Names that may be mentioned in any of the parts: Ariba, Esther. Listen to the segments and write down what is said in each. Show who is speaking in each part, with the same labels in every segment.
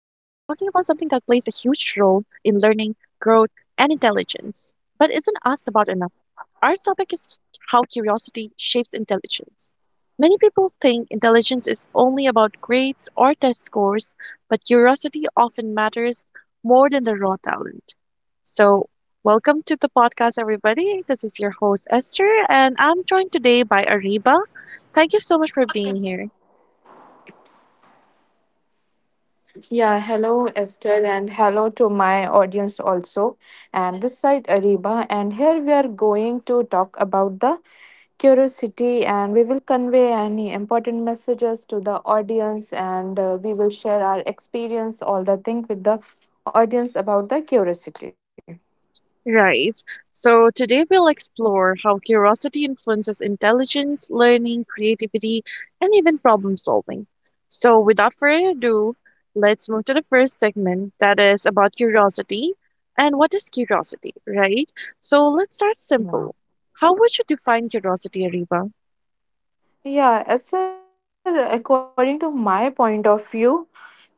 Speaker 1: in learning, growth, and intelligence, but isn't asked about enough. Our topic is how curiosity shapes intelligence. Many people think intelligence is only about grades or test scores, but curiosity often matters more than the raw talent. So, welcome to the podcast, everybody. This is your host, Esther, and I'm joined today by Ariba. Thank you so much for being here.
Speaker 2: Yeah, hello Esther and hello to my audience also. And this side Ariba and here we are going to talk about the curiosity and we will convey any important messages to the audience and we will share our experience all the thing with the audience about the curiosity.
Speaker 1: Right. So today we'll explore how curiosity influences intelligence, learning, creativity, and even problem solving. So without further ado, let's move to the first segment that is about curiosity and what is curiosity, right? So let's start simple. How
Speaker 2: Yeah.
Speaker 1: would you define curiosity, Ariba?
Speaker 2: Yeah, Esther, according to my point of view,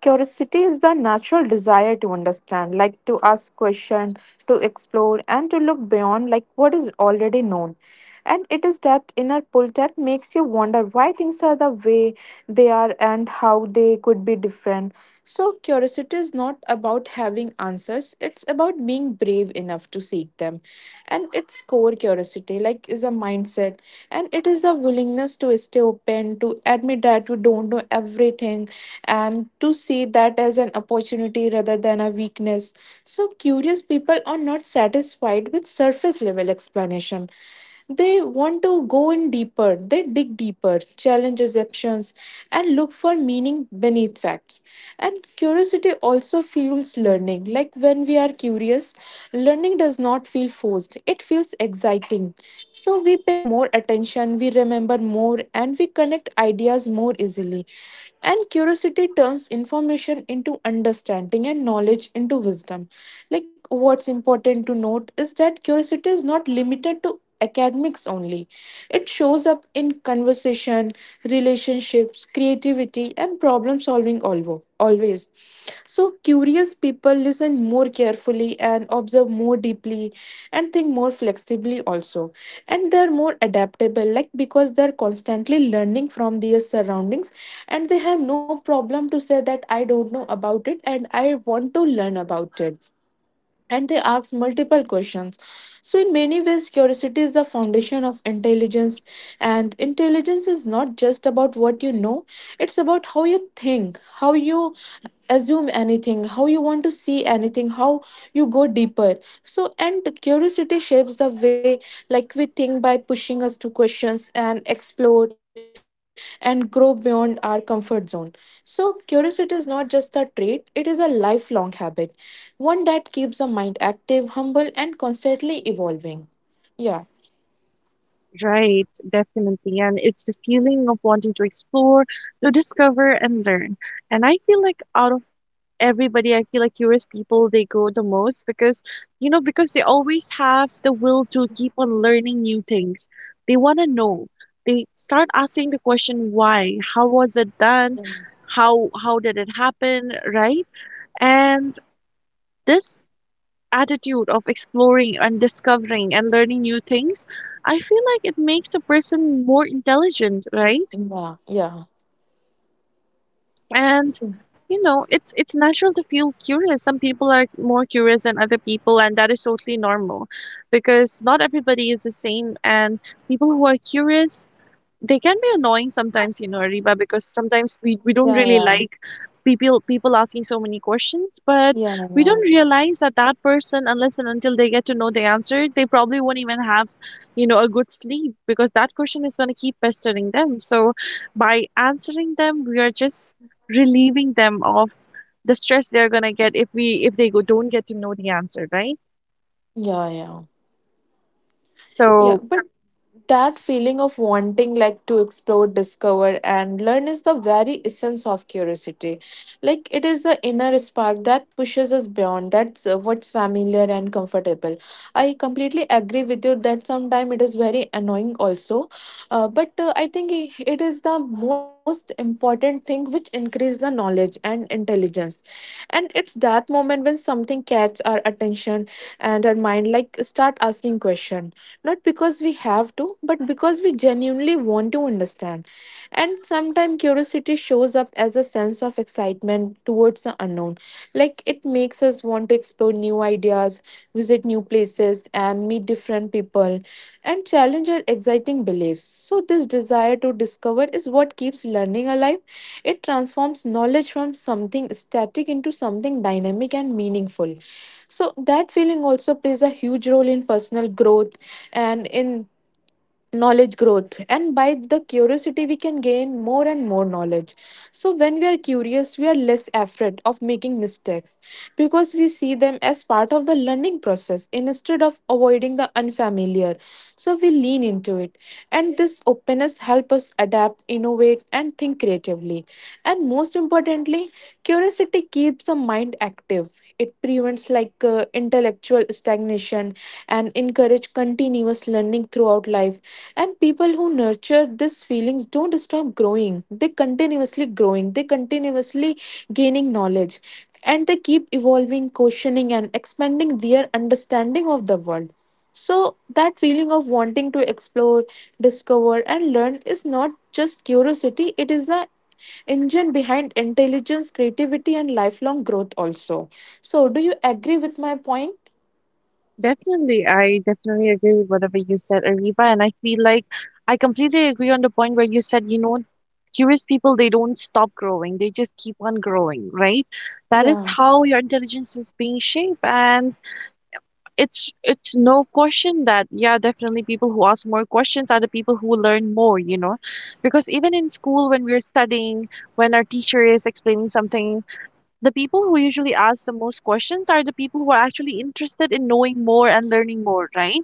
Speaker 2: curiosity is the natural desire to understand, like to ask questions, to explore, and to look beyond like what is already known. And it is that inner pull that makes you wonder why things are the way they are and how they could be different. So, curiosity is not about having answers, it's about being brave enough to seek them. And its core curiosity, like, is a mindset, and it is the willingness to stay open, to admit that you don't know everything, and to see that as an opportunity rather than a weakness. So, curious people are not satisfied with surface level explanation. They want to go in deeper, they dig deeper, challenge assumptions, and look for meaning beneath facts. And curiosity also fuels learning. Like when we are curious, learning does not feel forced, it feels exciting. So we pay more attention, we remember more, and we connect ideas more easily. And curiosity turns information into understanding and knowledge into wisdom. Like, what's important to note is that curiosity is not limited to academics only. It shows up in conversation, relationships, creativity, and problem solving always. So, curious people listen more carefully and observe more deeply and think more flexibly also. And they're more adaptable, like because they're constantly learning from their surroundings and they have no problem to say that I don't know about it and I want to learn about it and they ask multiple questions. So, in many ways, curiosity is the foundation of intelligence, and intelligence is not just about what you know, it's about how you think, how you assume anything, how you want to see anything, how you go deeper. So, and the curiosity shapes the way like we think by pushing us to questions and explore and grow beyond our comfort zone, so curiosity is not just a trait, it is a lifelong habit, one that keeps the mind active, humble and constantly evolving. Yeah,
Speaker 1: Right, definitely. And it's the feeling of wanting to explore, to discover, and learn. And I feel like out of everybody, I feel like curious people, they grow the most because, you know, because they always have the will to keep on learning new things. They want to know, they start asking the question why, how was it done, how did it happen, right? And this attitude of exploring and discovering and learning new things, I feel like it makes a person more intelligent, right?
Speaker 2: yeah, yeah,
Speaker 1: And you know, it's natural to feel curious. Some people are more curious than other people, and that is totally normal because not everybody is the same. And people who are curious, they can be annoying sometimes, you know, Reba, because sometimes we don't
Speaker 2: yeah,
Speaker 1: really
Speaker 2: yeah,
Speaker 1: like people asking so many questions, but we don't
Speaker 2: yeah,
Speaker 1: realize that that person, unless and until they get to know the answer, they probably won't even have, you know, a good sleep because that question is going to keep pestering them. So by answering them, we are just relieving them of the stress they're going to get if we if they go, don't get to know the answer, right?
Speaker 2: yeah, yeah, yeah,
Speaker 1: So
Speaker 2: but that feeling of wanting like to explore, discover and learn is the very essence of curiosity. Like it is the inner spark that pushes us beyond that's what's familiar and comfortable. I completely agree with you that sometimes it is very annoying also. But I think it is the most important thing which increase the knowledge and intelligence. And it's that moment when something catch our attention and our mind like start asking question not because we have to, but because we genuinely want to understand. And sometimes curiosity shows up as a sense of excitement towards the unknown. Like it makes us want to explore new ideas, visit new places, and meet different people, and challenge our exciting beliefs. So, this desire to discover is what keeps learning alive. It transforms knowledge from something static into something dynamic and meaningful. So, that feeling also plays a huge role in personal growth and in knowledge growth, and by the curiosity we can gain more and more knowledge. So when we are curious we are less afraid of making mistakes, because we see them as part of the learning process instead of avoiding the unfamiliar, so we lean into it, and this openness helps us adapt, innovate and think creatively. And most importantly, curiosity keeps the mind active, it prevents like intellectual stagnation and encourage continuous learning throughout life. And people who nurture these feelings don't stop growing, they continuously growing, they continuously gaining knowledge, and they keep evolving, questioning and expanding their understanding of the world. So that feeling of wanting to explore, discover and learn is not just curiosity, it is the engine behind intelligence, creativity and lifelong growth also. So do you agree with my point?
Speaker 1: definitely, I definitely agree with whatever you said, Ariba, and I feel like I completely agree on the point where you said, you know, curious people, they don't stop growing, they just keep on growing, right? That is
Speaker 2: Yeah,
Speaker 1: how your intelligence is being shaped, and it's no question that, yeah, definitely people who ask more questions are the people who learn more, you know, because even in school when we're studying, when our teacher is explaining something, the people who usually ask the most questions are the people who are actually interested in knowing more and learning more, right?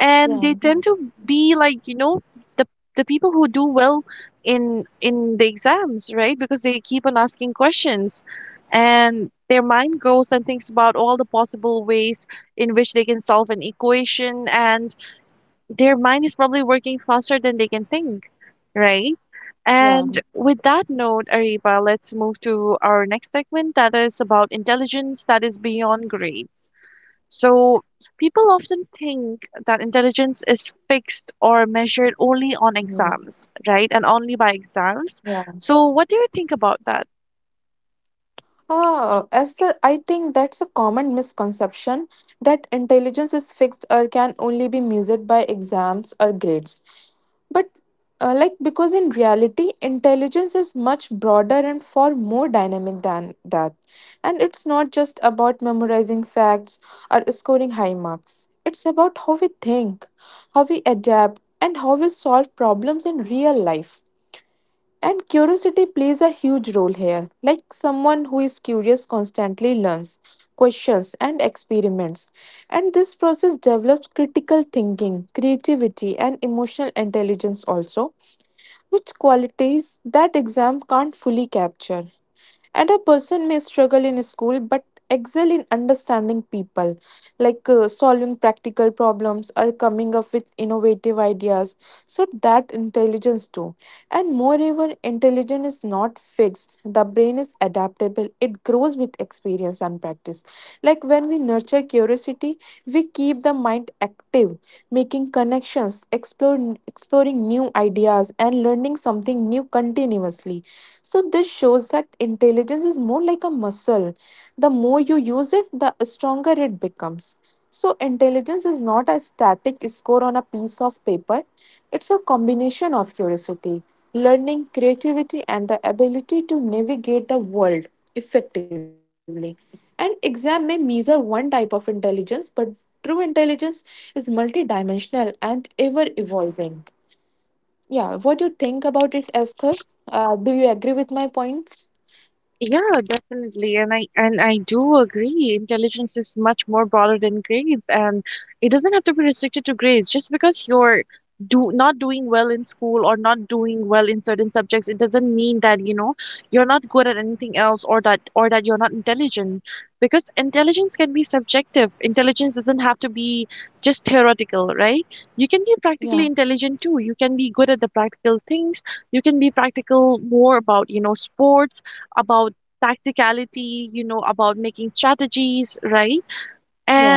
Speaker 1: And
Speaker 2: yeah,
Speaker 1: they tend to be like, you know, the people who do well in the exams, right? Because they keep on asking questions and their mind goes and thinks about all the possible ways in which they can solve an equation, and their mind is probably working faster than they can think. Right. And with that note, Ariba, let's move to our next segment that is about intelligence that is beyond grades. So, people often think that intelligence is fixed or measured only on
Speaker 2: yeah,
Speaker 1: exams, right? And only by
Speaker 2: yeah.
Speaker 1: exams. So, what do you think about that?
Speaker 2: Ah, Esther, I think that's a common misconception that intelligence is fixed or can only be measured by exams or grades. But, because in reality, intelligence is much broader and far more dynamic than that. And it's not just about memorizing facts or scoring high marks, it's about how we think, how we adapt, and how we solve problems in real life. And curiosity plays a huge role here. Like someone who is curious constantly learns, questions, and experiments. And this process develops critical thinking, creativity, and emotional intelligence also, which qualities that exam can't fully capture. And a person may struggle in school but excel in understanding people, like solving practical problems or coming up with innovative ideas. So, that intelligence too. And moreover, intelligence is not fixed, the brain is adaptable, it grows with experience and practice. Like when we nurture curiosity, we keep the mind active, making connections, exploring new ideas, and learning something new continuously, so this shows that intelligence is more like a muscle. The more you use it, the stronger it becomes. So, intelligence is not a static score on a piece of paper, it's a combination of curiosity, learning, creativity, and the ability to navigate the world effectively. An exam may measure one type of intelligence, but true intelligence is multidimensional and ever evolving. Yeah, what do you think about it, Esther? Do you agree with my points?
Speaker 1: Yeah, definitely. And I do agree. Intelligence is much more broader than grades, and it doesn't have to be restricted to grades. Just because you're do not doing well in school or not doing well in certain subjects, it doesn't mean that, you know, you're not good at anything else or that you're not intelligent. Because intelligence can be subjective. Intelligence doesn't have to be just theoretical, right? You can be
Speaker 2: Yeah,
Speaker 1: practically intelligent too. You can be good at the practical things. You can be practical more about, you know, sports, about tacticality, you know, about making strategies, right?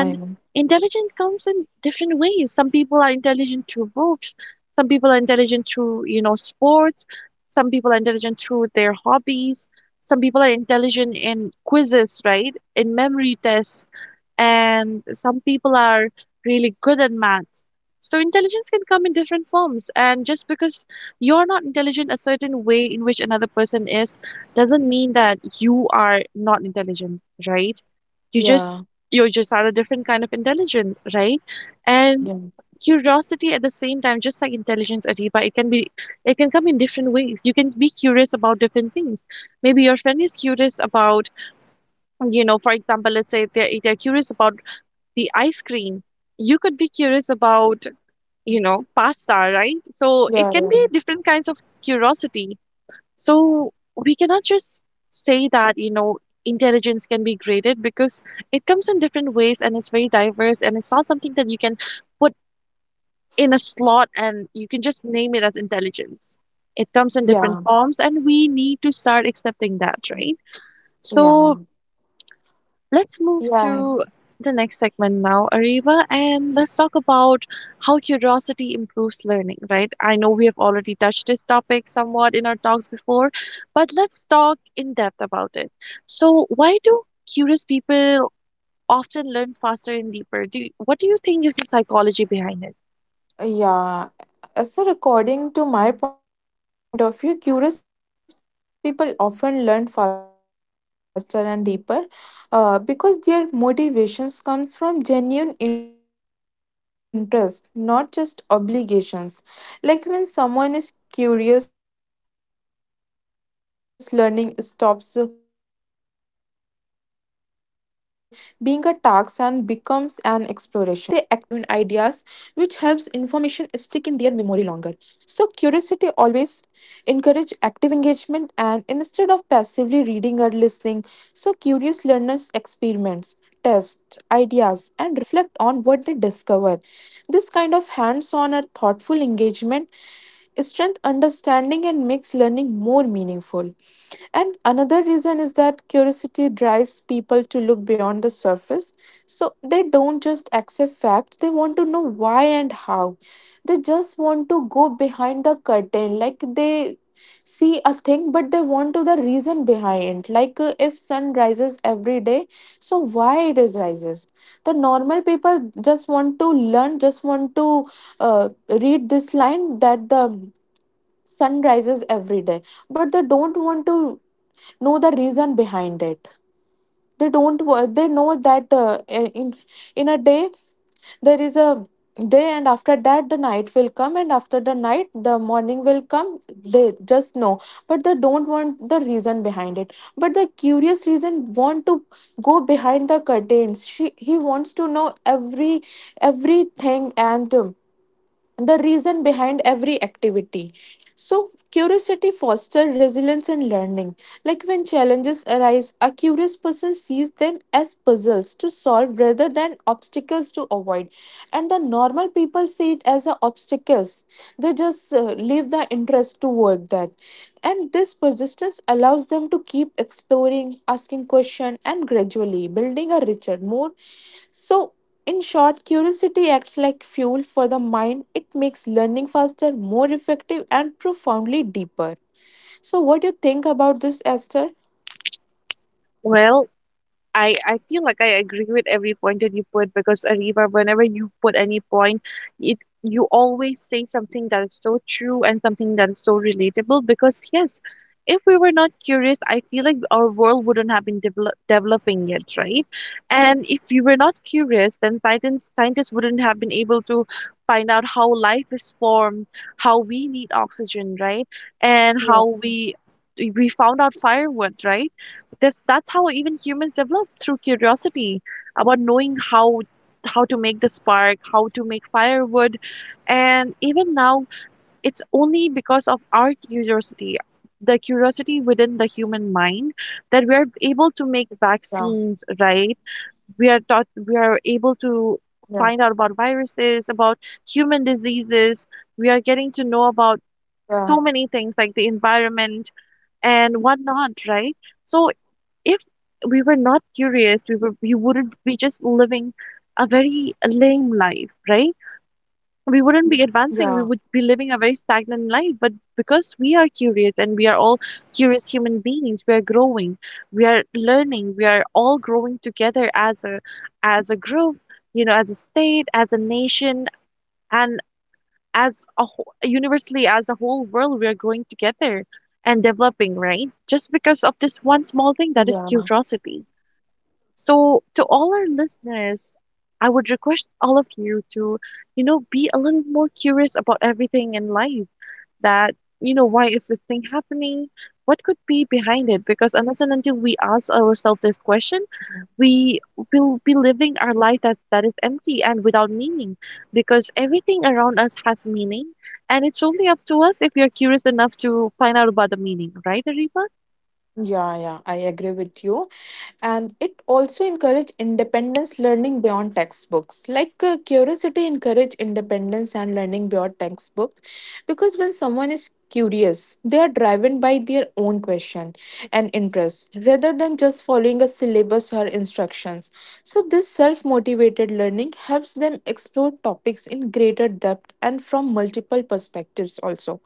Speaker 2: yeah, I know.
Speaker 1: intelligent comes in different ways. Some people are intelligent through books, some people are intelligent through, you know, sports, some people are intelligent through their hobbies, some people are intelligent in quizzes, right? In memory tests, and some people are really good at maths. So intelligence can come in different forms, and just because you're not intelligent a certain way in which another person is, doesn't mean that you are not intelligent, right? You just
Speaker 2: Yeah,
Speaker 1: are a different kind of intelligence, right? And
Speaker 2: yeah,
Speaker 1: curiosity at the same time, just like intelligence, Adiba, it can come in different ways. You can be curious about different things. Maybe your friend is curious about, you know, for example, let's say they're curious about the ice cream. You could be curious about, you know, pasta, right? So it can
Speaker 2: yeah,
Speaker 1: be
Speaker 2: yeah,
Speaker 1: different kinds of curiosity. So we cannot just say that, you know, intelligence can be graded because it comes in different ways and it's very diverse, and it's not something that you can put in a slot and you can just name it as intelligence. It comes in different
Speaker 2: yeah,
Speaker 1: forms and we need to start accepting that, right? So
Speaker 2: yeah,
Speaker 1: let's move
Speaker 2: yeah.
Speaker 1: to the next segment now, Ariva, and let's talk about how curiosity improves learning, right? I know we have already touched this topic somewhat in our talks before, but let's talk in depth about it. So, why do curious people often learn faster and deeper? What do you think is the psychology behind it?
Speaker 2: Yeah. Sir, according to my point of view, curious people often learn faster and deeper because their motivations comes from genuine interest, not just obligations. Like when someone is curious, learning stops being a task and becomes an exploration. So they pay closer attention. They ask questions and they actively engage with that task and actively seek connections between ideas which helps information stick in their memory longer. So, curiosity always encourage active engagement, and instead of passively reading or listening, so curious learners experiments, test ideas and reflect on what they discover. This kind of hands-on or thoughtful engagement strength understanding and makes learning more meaningful. And another reason is that curiosity drives people to look beyond the surface, so they don't just accept facts, they want to know why and how. They just want to go behind the curtain. Like they see a thing, but they want to the reason behind. Like if sun rises every day, so why it is rises? The normal people just want to learn, just want to read this line that the sun rises every day, but they don't want to know the reason behind it. They don't wo- they know that in a day there is a day and after that the night will come and after the night the morning will come, they just know, but they don't want the reason behind it. But the curious reason want to go behind the curtains, she he wants to know every everything, and the reason behind every activity. So, curiosity fosters resilience and learning. Like when challenges arise, a curious person sees them as puzzles to solve rather than obstacles to avoid. And the normal people see it as a obstacles. They just leave the interest to work that. And this persistence allows them to keep exploring, asking questions, and gradually building a richer, more, so in short, curiosity acts like fuel for the mind. It makes learning faster, more effective, and profoundly deeper. So, what do you think about this, Esther?
Speaker 1: Well, I feel like I agree with every point that you put because, Ariba, whenever you put any point, it you always say something that is so true and something that is so relatable, because yes, if we were not curious, I feel like our world wouldn't have been developing yet, right? And if we were not curious, then scientists wouldn't have been able to find out how life is formed, how we need oxygen, right? And
Speaker 2: Yeah,
Speaker 1: how we found out firewood, right? This, that's how even humans develop through curiosity, about knowing how to make the spark, how to make firewood, and even now it's only because of our curiosity, the curiosity within the human mind, that we are able to
Speaker 2: yeah,
Speaker 1: make vaccines, right? We are able
Speaker 2: yeah,
Speaker 1: to find out about viruses, about human diseases. We
Speaker 2: yeah,
Speaker 1: are getting to know about so many things like the environment and whatnot, right? So if we were not curious, we wouldn't be just living a very lame life, right?
Speaker 2: yeah,
Speaker 1: We wouldn't be advancing. We would be living a very stagnant life. But because we are curious and we are all curious human beings, we are growing, we are learning, we are all growing together as a group, you know, as a state, as a nation, and as a whole, universally as a whole world, we are growing together and developing, right? Just because of this
Speaker 2: yeah,
Speaker 1: one small thing that is curiosity. So, to all our listeners, I would request all of you to, you know, be a little more curious about everything in life, that, you know, why is this thing happening? What could be behind it? Because unless and until we ask ourselves this question, we will be living our life that, is empty and without meaning, because everything around us has meaning. And it's only up to us if we are curious enough to find out about the meaning, right, Ariba?
Speaker 2: yeah, yeah, I agree with you. And it also encourage independence learning beyond textbooks, like curiosity encourage independence and learning beyond textbooks because when someone is curious they are driven by their own question and interest rather than just following a syllabus or instructions. So this self motivated learning helps them explore topics in greater depth and from multiple perspectives also.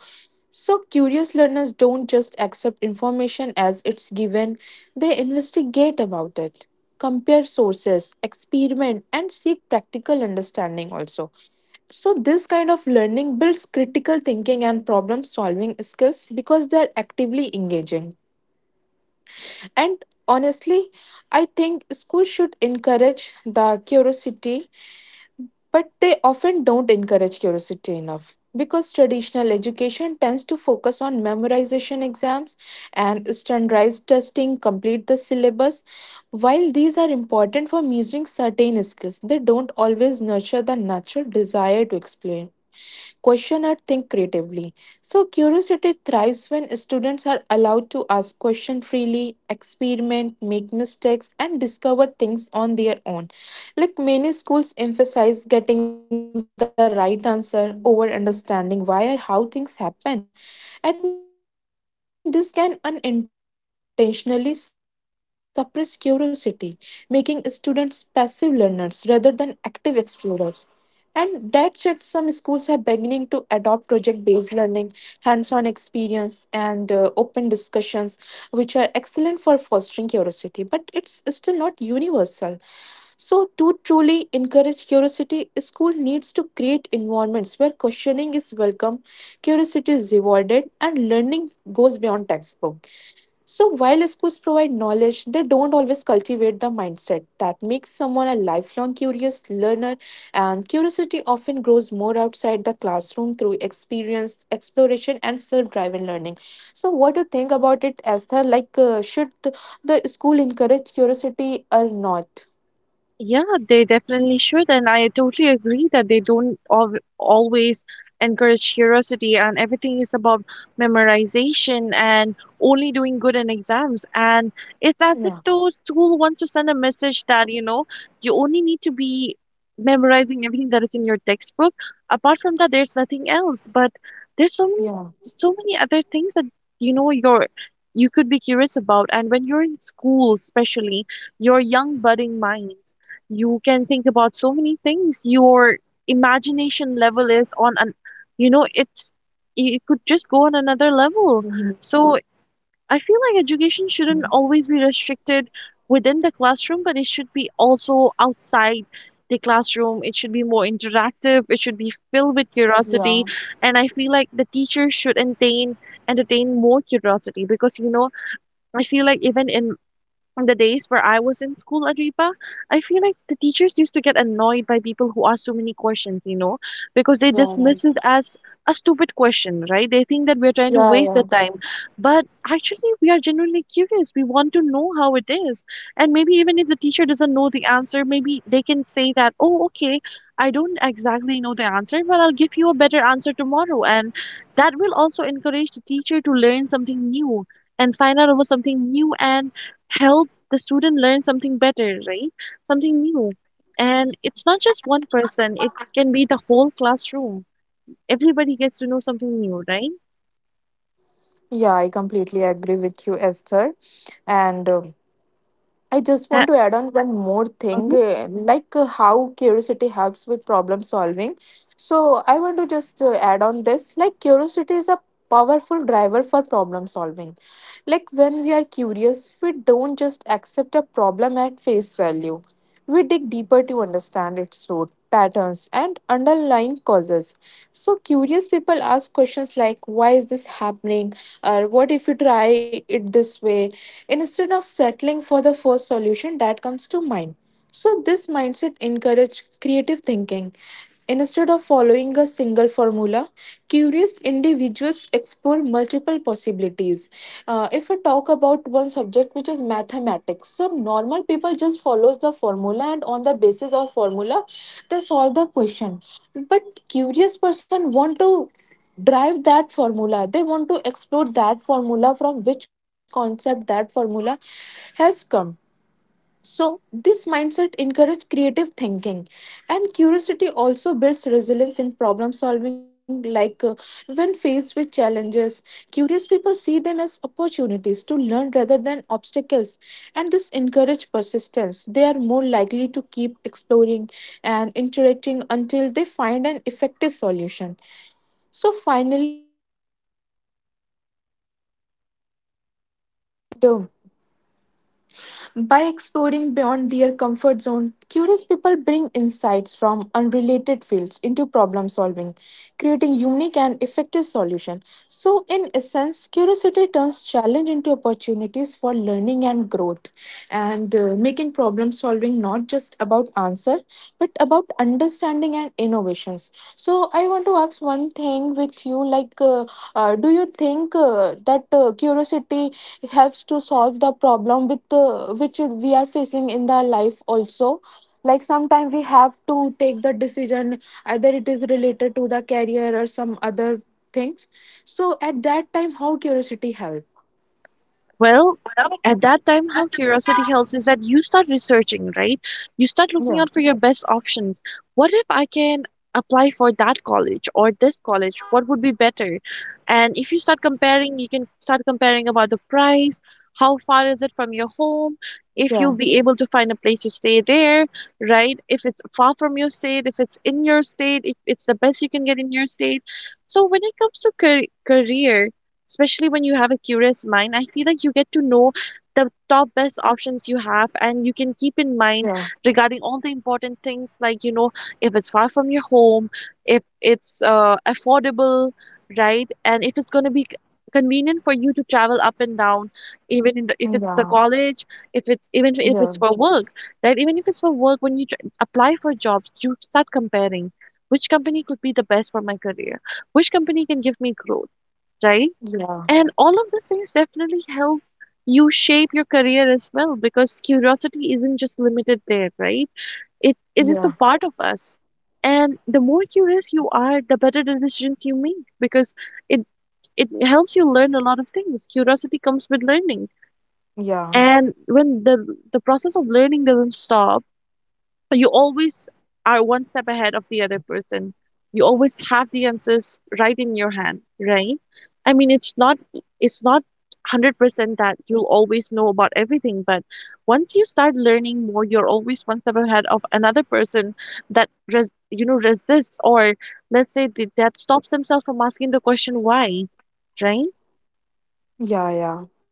Speaker 2: So, curious learners don't just accept information as it's given, they investigate about it, compare sources, experiment, and seek practical understanding also. So, this kind of learning builds critical thinking and problem solving skills because they're actively engaging. And honestly, I think schools should encourage the curiosity but they often don't encourage curiosity enough, because traditional education tends to focus on memorization exams and standardized testing, complete the syllabus. While these are important for measuring certain skills, they don't always nurture the natural desire to explain, question or think creatively. So curiosity thrives when students are allowed to ask questions freely, experiment, make mistakes, and discover things on their own. Like many schools emphasize getting the right answer over understanding why or how things happen. And this can unintentionally suppress curiosity, making students passive learners rather than active explorers. And that said, some schools are beginning to adopt project based learning, hands on experience and open discussions, which are excellent for fostering curiosity, but it's still not universal. So, to truly encourage curiosity, school needs to create environments where questioning is welcome, curiosity is rewarded, and learning goes beyond textbook. So while schools provide knowledge, they don't always cultivate the mindset that makes someone a lifelong curious learner, and curiosity often grows more outside the classroom through experience, exploration and self-driven learning. So what do you think about it Esther, like should the school encourage curiosity or not?
Speaker 1: Yeah, they definitely should. And I totally agree that they don't al always encourage curiosity, and everything is about memorization and only doing good in exams. And it's as
Speaker 2: Yeah.
Speaker 1: if the school wants to send a message that, you know, you only need to be memorizing everything that is in your textbook. Apart from that, there's nothing else. But there's
Speaker 2: Yeah.
Speaker 1: so many other things that, you know, you could be curious about. And when you're in school, especially, your young budding minds, you can think about so many things. Your imagination level is on an, you know, it could just go on another level.
Speaker 2: Mhm.
Speaker 1: So I feel like education shouldn't always be restricted within the classroom, but it should be also outside the classroom. It should be more interactive, it should be filled with
Speaker 2: Yeah.
Speaker 1: curiosity. And I feel like the teacher should entertain more curiosity because, you know, I feel like even in the days where I was in school, Ariba, I feel like the teachers used to get annoyed by people who ask so many questions, you know, because they
Speaker 2: Yeah.
Speaker 1: dismiss it as a stupid question, right? They think that we're trying to
Speaker 2: Yeah.
Speaker 1: waste the
Speaker 2: Yeah.
Speaker 1: time. But actually, we are genuinely curious. We want to know how it is. And maybe even if the teacher doesn't know the answer, maybe they can say that, oh, okay, I don't exactly know the answer, but I'll give you a better answer tomorrow. And that will also encourage the teacher to learn something new and find out about something new and help the student learns something better, right? Something new. And it's not just one person, it can be the whole classroom. Everybody gets to know something new, right?
Speaker 3: Yeah, I completely agree with you, Esther. And I just want to add on one more thing, how curiosity helps with problem solving. So I want to just add on this, like curiosity is a powerful driver for problem solving. Like when we are curious, we don't just accept a problem at face value. We dig deeper to understand its root patterns and underlying causes. So curious people ask questions like, why is this happening? Or what if you try it this way instead of settling for the first solution that comes to mind. So this mindset encourages creative thinking. Instead of following a single formula, curious individuals explore multiple possibilities. If we talk about one subject which is mathematics, so normal people just follows the formula and on the basis of formula they solve the question. But curious person want to drive that formula, they want to explore that formula from which concept that formula has come. So this mindset encourages creative thinking, and curiosity also builds resilience in problem solving. Like when faced with challenges, curious people see them as opportunities to learn rather than obstacles, and this encourages persistence. They are more likely to keep exploring and iterating until they find an effective solution. So finally, too, by exploring beyond their comfort zone, curious people bring insights from unrelated fields into problem solving, creating unique and effective solutions. So, in essence, curiosity turns challenge into opportunities for learning and growth, and making problem solving not just about answer but about understanding and innovation. Yes. So I want to ask one thing with you, like, do you think that curiosity helps to solve the problem with which we are facing in the life also? Like sometimes we have to take the decision, either it is related to the career or some other things. So at that time, how curiosity help?
Speaker 1: Well, at that time, how curiosity helps is that you start researching, right? You start looking
Speaker 3: Yeah,
Speaker 1: out for your best options. What if I can apply for that college or this college? What would be better? And if you start comparing, you can start comparing about the price, how far is it from your home, if
Speaker 3: yeah,
Speaker 1: you'll be able to find a place to stay there, right? If it's far from your state, if it's in your state, if it's the best you can get in your state. So when it comes to career, especially when you have a curious mind, I feel like you get to know the top best options you have, and you can keep in mind
Speaker 3: yeah,
Speaker 1: regarding all the important things, like, you know, if it's far from your home, if it's affordable, right? And if it's going to be convenient for you to travel up and down, even in if it's
Speaker 3: yeah,
Speaker 1: the college, if it's, even if
Speaker 3: yeah,
Speaker 1: it's for work, right? Even if it's for work, when you apply for jobs, you start comparing which company could be the best for my career, which company can give me growth, right?
Speaker 3: yeah,
Speaker 1: And all of these things definitely help you shape your career as well, because curiosity isn't just limited there, right? It is a
Speaker 3: yeah,
Speaker 1: part of us. And the more curious you are, the better the decisions you make, because it it helps you learn a lot of things. Curiosity comes with learning.
Speaker 3: yeah.
Speaker 1: And when the process of learning doesn't stop, so you always are one step ahead of the other person. You always have the answers right in your hand, right? I mean, it's not 100% that you'll always know about everything, but once you start learning more, you're always one step ahead of another person that res resists, or let's say that, that stops themselves from asking the question why, right?
Speaker 3: Yeah, yeah,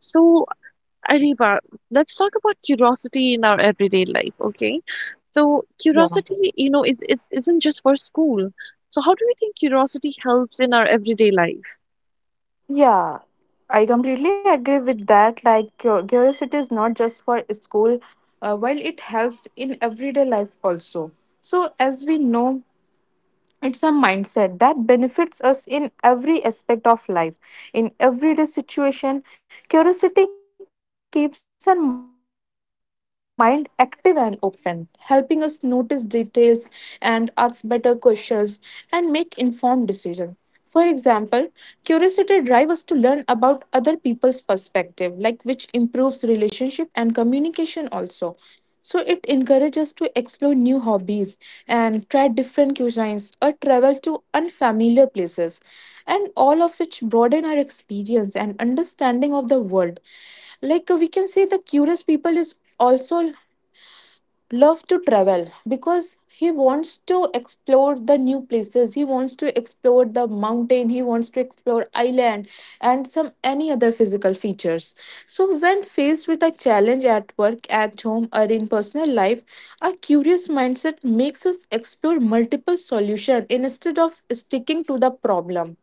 Speaker 1: So Ariba, let's talk about curiosity in our everyday life, okay? So
Speaker 3: yeah,
Speaker 1: curiosity, you know, it isn't just for school. So how do you think curiosity helps in our everyday life?
Speaker 3: yeah. I completely agree with that. Like, curiosity is not just for school, while it helps in everyday life also. So, as we know, it's a mindset that benefits us in every aspect of life. In everyday situation, curiosity keeps our mind active and open, helping us notice details and ask better questions and make informed decisions. For example, curiosity drives us to learn about other people's perspective, like which improves relationship and communication also. So it encourages us to explore new hobbies and try different cuisines or travel to unfamiliar places, and all of which broaden our experience and understanding of the world. Like we can say the curious people is also love to travel, because he wants to explore the new places, he wants to explore the mountain, he wants to explore island and some any other physical features. So when faced with a challenge at work, at home, or in personal life, a curious mindset makes us explore multiple solutions instead of sticking to the problem,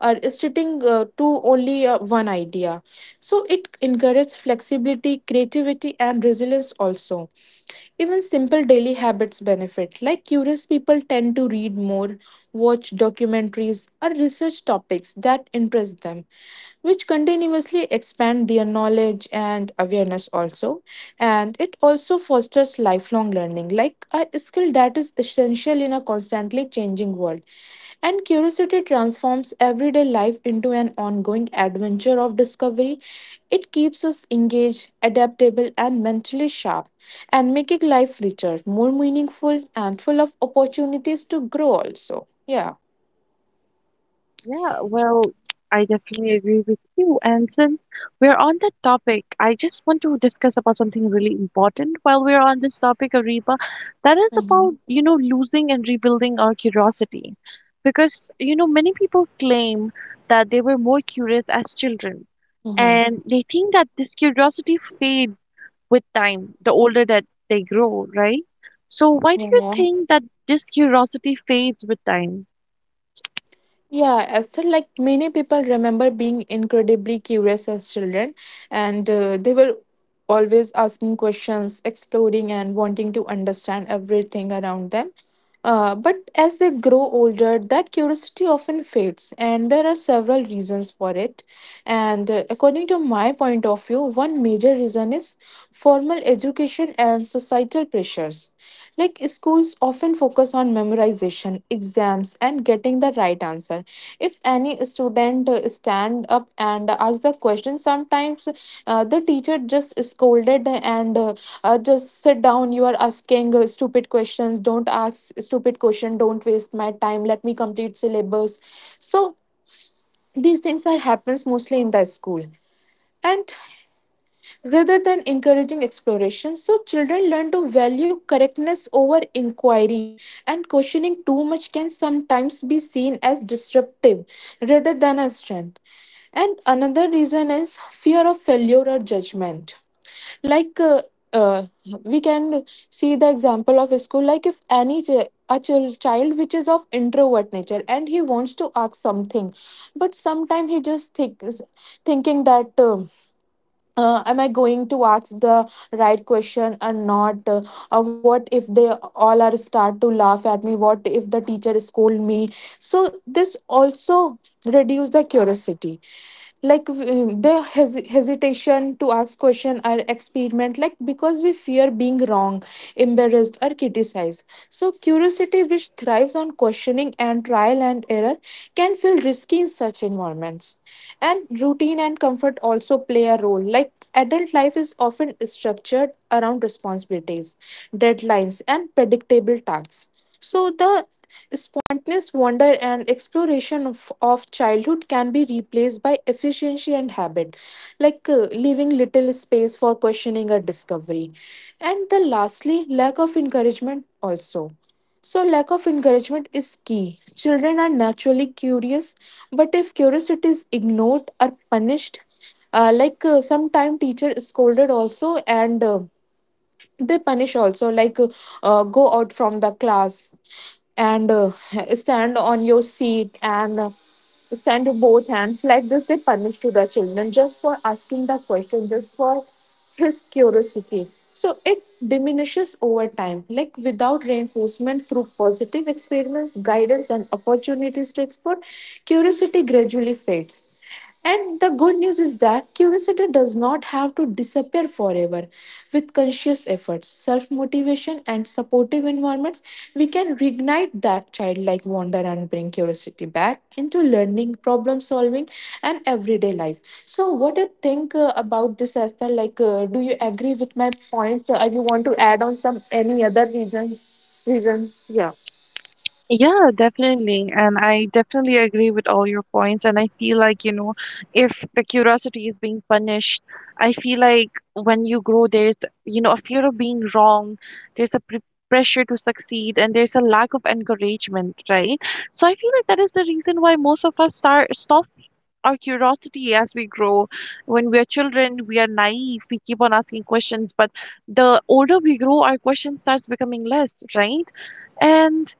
Speaker 3: are sticking to only one idea. So it encourages flexibility, creativity, and resilience also. Even simple daily habits benefit, like curious people tend to read more, watch documentaries, or research topics that interest them, which continuously expand their knowledge and awareness also. And it also fosters lifelong learning, like a skill that is essential in a constantly changing world. And curiosity transforms everyday life into an ongoing adventure of discovery. It keeps us engaged, adaptable, and mentally sharp, and making life richer, more meaningful, and full of opportunities to grow, also. Yeah.
Speaker 1: Yeah, well, I definitely agree with you. And since we're on that topic, I just want to discuss about something really important while we're on this topic, Ariba. That is
Speaker 3: Mm-hmm.
Speaker 1: about, you know, losing and rebuilding our curiosity. Because, you know, many people claim that they were more curious as children.
Speaker 3: Mm-hmm.
Speaker 1: And they think that this curiosity fades with time, the older that they grow, right? So why do
Speaker 3: Yeah.
Speaker 1: you
Speaker 3: Yeah.
Speaker 1: think that this curiosity fades with time?
Speaker 3: Yeah, Esther, like many people remember being incredibly curious as children, and they were always asking questions, exploring, and wanting to understand everything around them. But as they grow older, that curiosity often fades, and there are several reasons for it. And according to my point of view, one major reason is formal education and societal pressures. Like schools often focus on memorization, exams, and getting the right answer. If any student stand up and ask the question, sometimes the teacher just scolded and just sit down. You are asking stupid questions. Don't ask stupid question. Don't waste my time. Let me complete syllabus. So these things are happens mostly in the school and rather than encouraging exploration. So, children learn to value correctness over inquiry, and questioning too much can sometimes be seen as disruptive rather than as strength. And another reason is fear of failure or judgment. Like uh, uh, we can see the example of a school, like if any child which is of introvert nature and he wants to ask something but sometime he just thinks thinking that, am I going to ask the right question or not? What if they all are start to laugh at me? What if the teacher scold me? So this also reduce the curiosity, like the hesitation to ask question or experiment, like because we fear being wrong, embarrassed or criticized. So, curiosity, which thrives on questioning and trial and error, can feel risky in such environments. And routine and comfort also play a role. Like adult life is often structured around responsibilities, deadlines, and predictable tasks. So the spontaneous wonder and exploration of childhood can be replaced by efficiency and habit, like leaving little space for questioning or discovery. And the lastly, lack of encouragement also. So lack of encouragement is key. Children are naturally curious, but if curiosity is ignored or punished, sometime teacher scolded also and they punish also, like go out from the class, and stand on your seat, and stand with both hands like this. They punish to the children just for asking the question, just for his curiosity. So it diminishes over time, like without reinforcement through positive experiments, guidance, and opportunities to explore, curiosity gradually fades. And the good news is that curiosity does not have to disappear forever. With conscious efforts, self motivation, and supportive environments, we can reignite that childlike wonder and bring curiosity back into learning, problem solving, and everyday life. So, what do you think about this, Esther? Like, do you agree with my point? You want to add on some any other reason? Reason? Yeah.
Speaker 1: Yeah, definitely. And I definitely agree with all your points. And I feel like, you know, if the curiosity is being punished, I feel like when you grow, there's, you know, a fear of being wrong, there's a pressure to succeed, and there's a lack of encouragement, right? So I feel like that is the reason why most of us start stop our curiosity as we grow. When we are children, we are naive. We keep on asking questions, but the older we grow, our question starts becoming less, right? And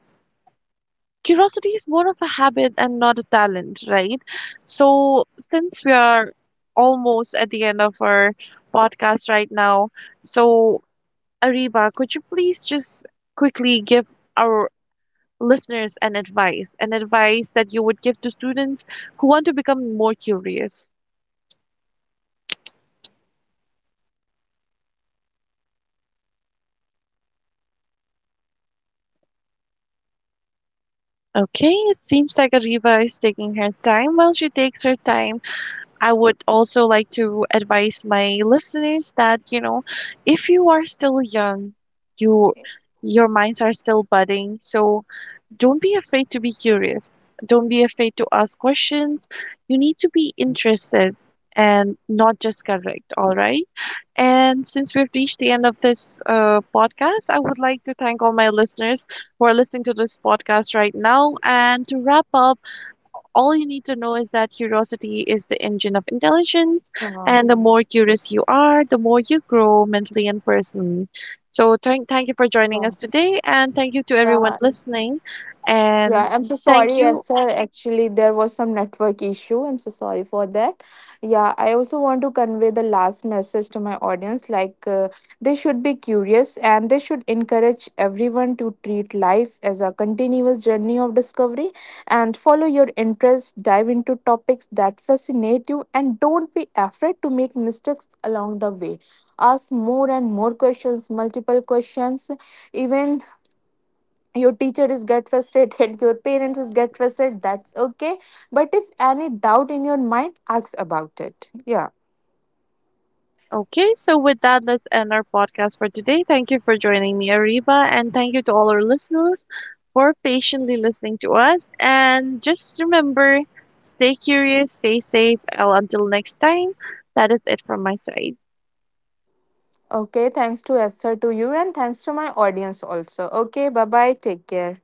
Speaker 1: curiosity is more of a habit and not a talent, right? So, since we are almost at the end of our podcast right now, so Ariba, could you please just quickly give our listeners an advice that you would give to students who want to become more curious? Okay, it seems like Ariba is taking her time. Well, she takes her time, I would also like to advise my listeners that, you know, if you are still young, you your minds are still budding, so don't be afraid to be curious. Don't be afraid to ask questions. You need to be interested and not just correct, all right? And since we've reached the end of this podcast, I would like to thank all my listeners who are listening to this podcast right now. And to wrap up, all you need to know is that curiosity is the engine of intelligence,
Speaker 3: Yeah,
Speaker 1: and the more curious you are, the more you grow mentally and personally. So, thank you for
Speaker 3: yeah,
Speaker 1: joining us today, and thank you to
Speaker 3: yeah.
Speaker 1: everyone listening.
Speaker 3: Yeah, I'm
Speaker 1: And
Speaker 3: so sorry,
Speaker 1: thank
Speaker 3: yes,
Speaker 1: you.
Speaker 3: sir. Actually, there was some network issue. I'm so sorry for that. Yeah, I also want to convey the last message to my audience, like they should be curious and they should encourage everyone to treat life as a continuous journey of discovery, and follow your interests, dive into topics that fascinate you, and don't be afraid to make mistakes along the way. Ask more and more questions, multiple questions, even your teacher is get frustrated, your parents is get frustrated, that's okay. But if any doubt in your mind, ask about it. Yeah.
Speaker 1: Okay, so with that, let's end our podcast for today. Thank you for joining me, Ariba, and thank you to all our listeners for patiently listening to us. And just remember, stay curious, stay safe. Until next time, that is it from my side.
Speaker 3: Okay, thanks to Esther, to you, and thanks to my audience also. Okay, bye bye, take care.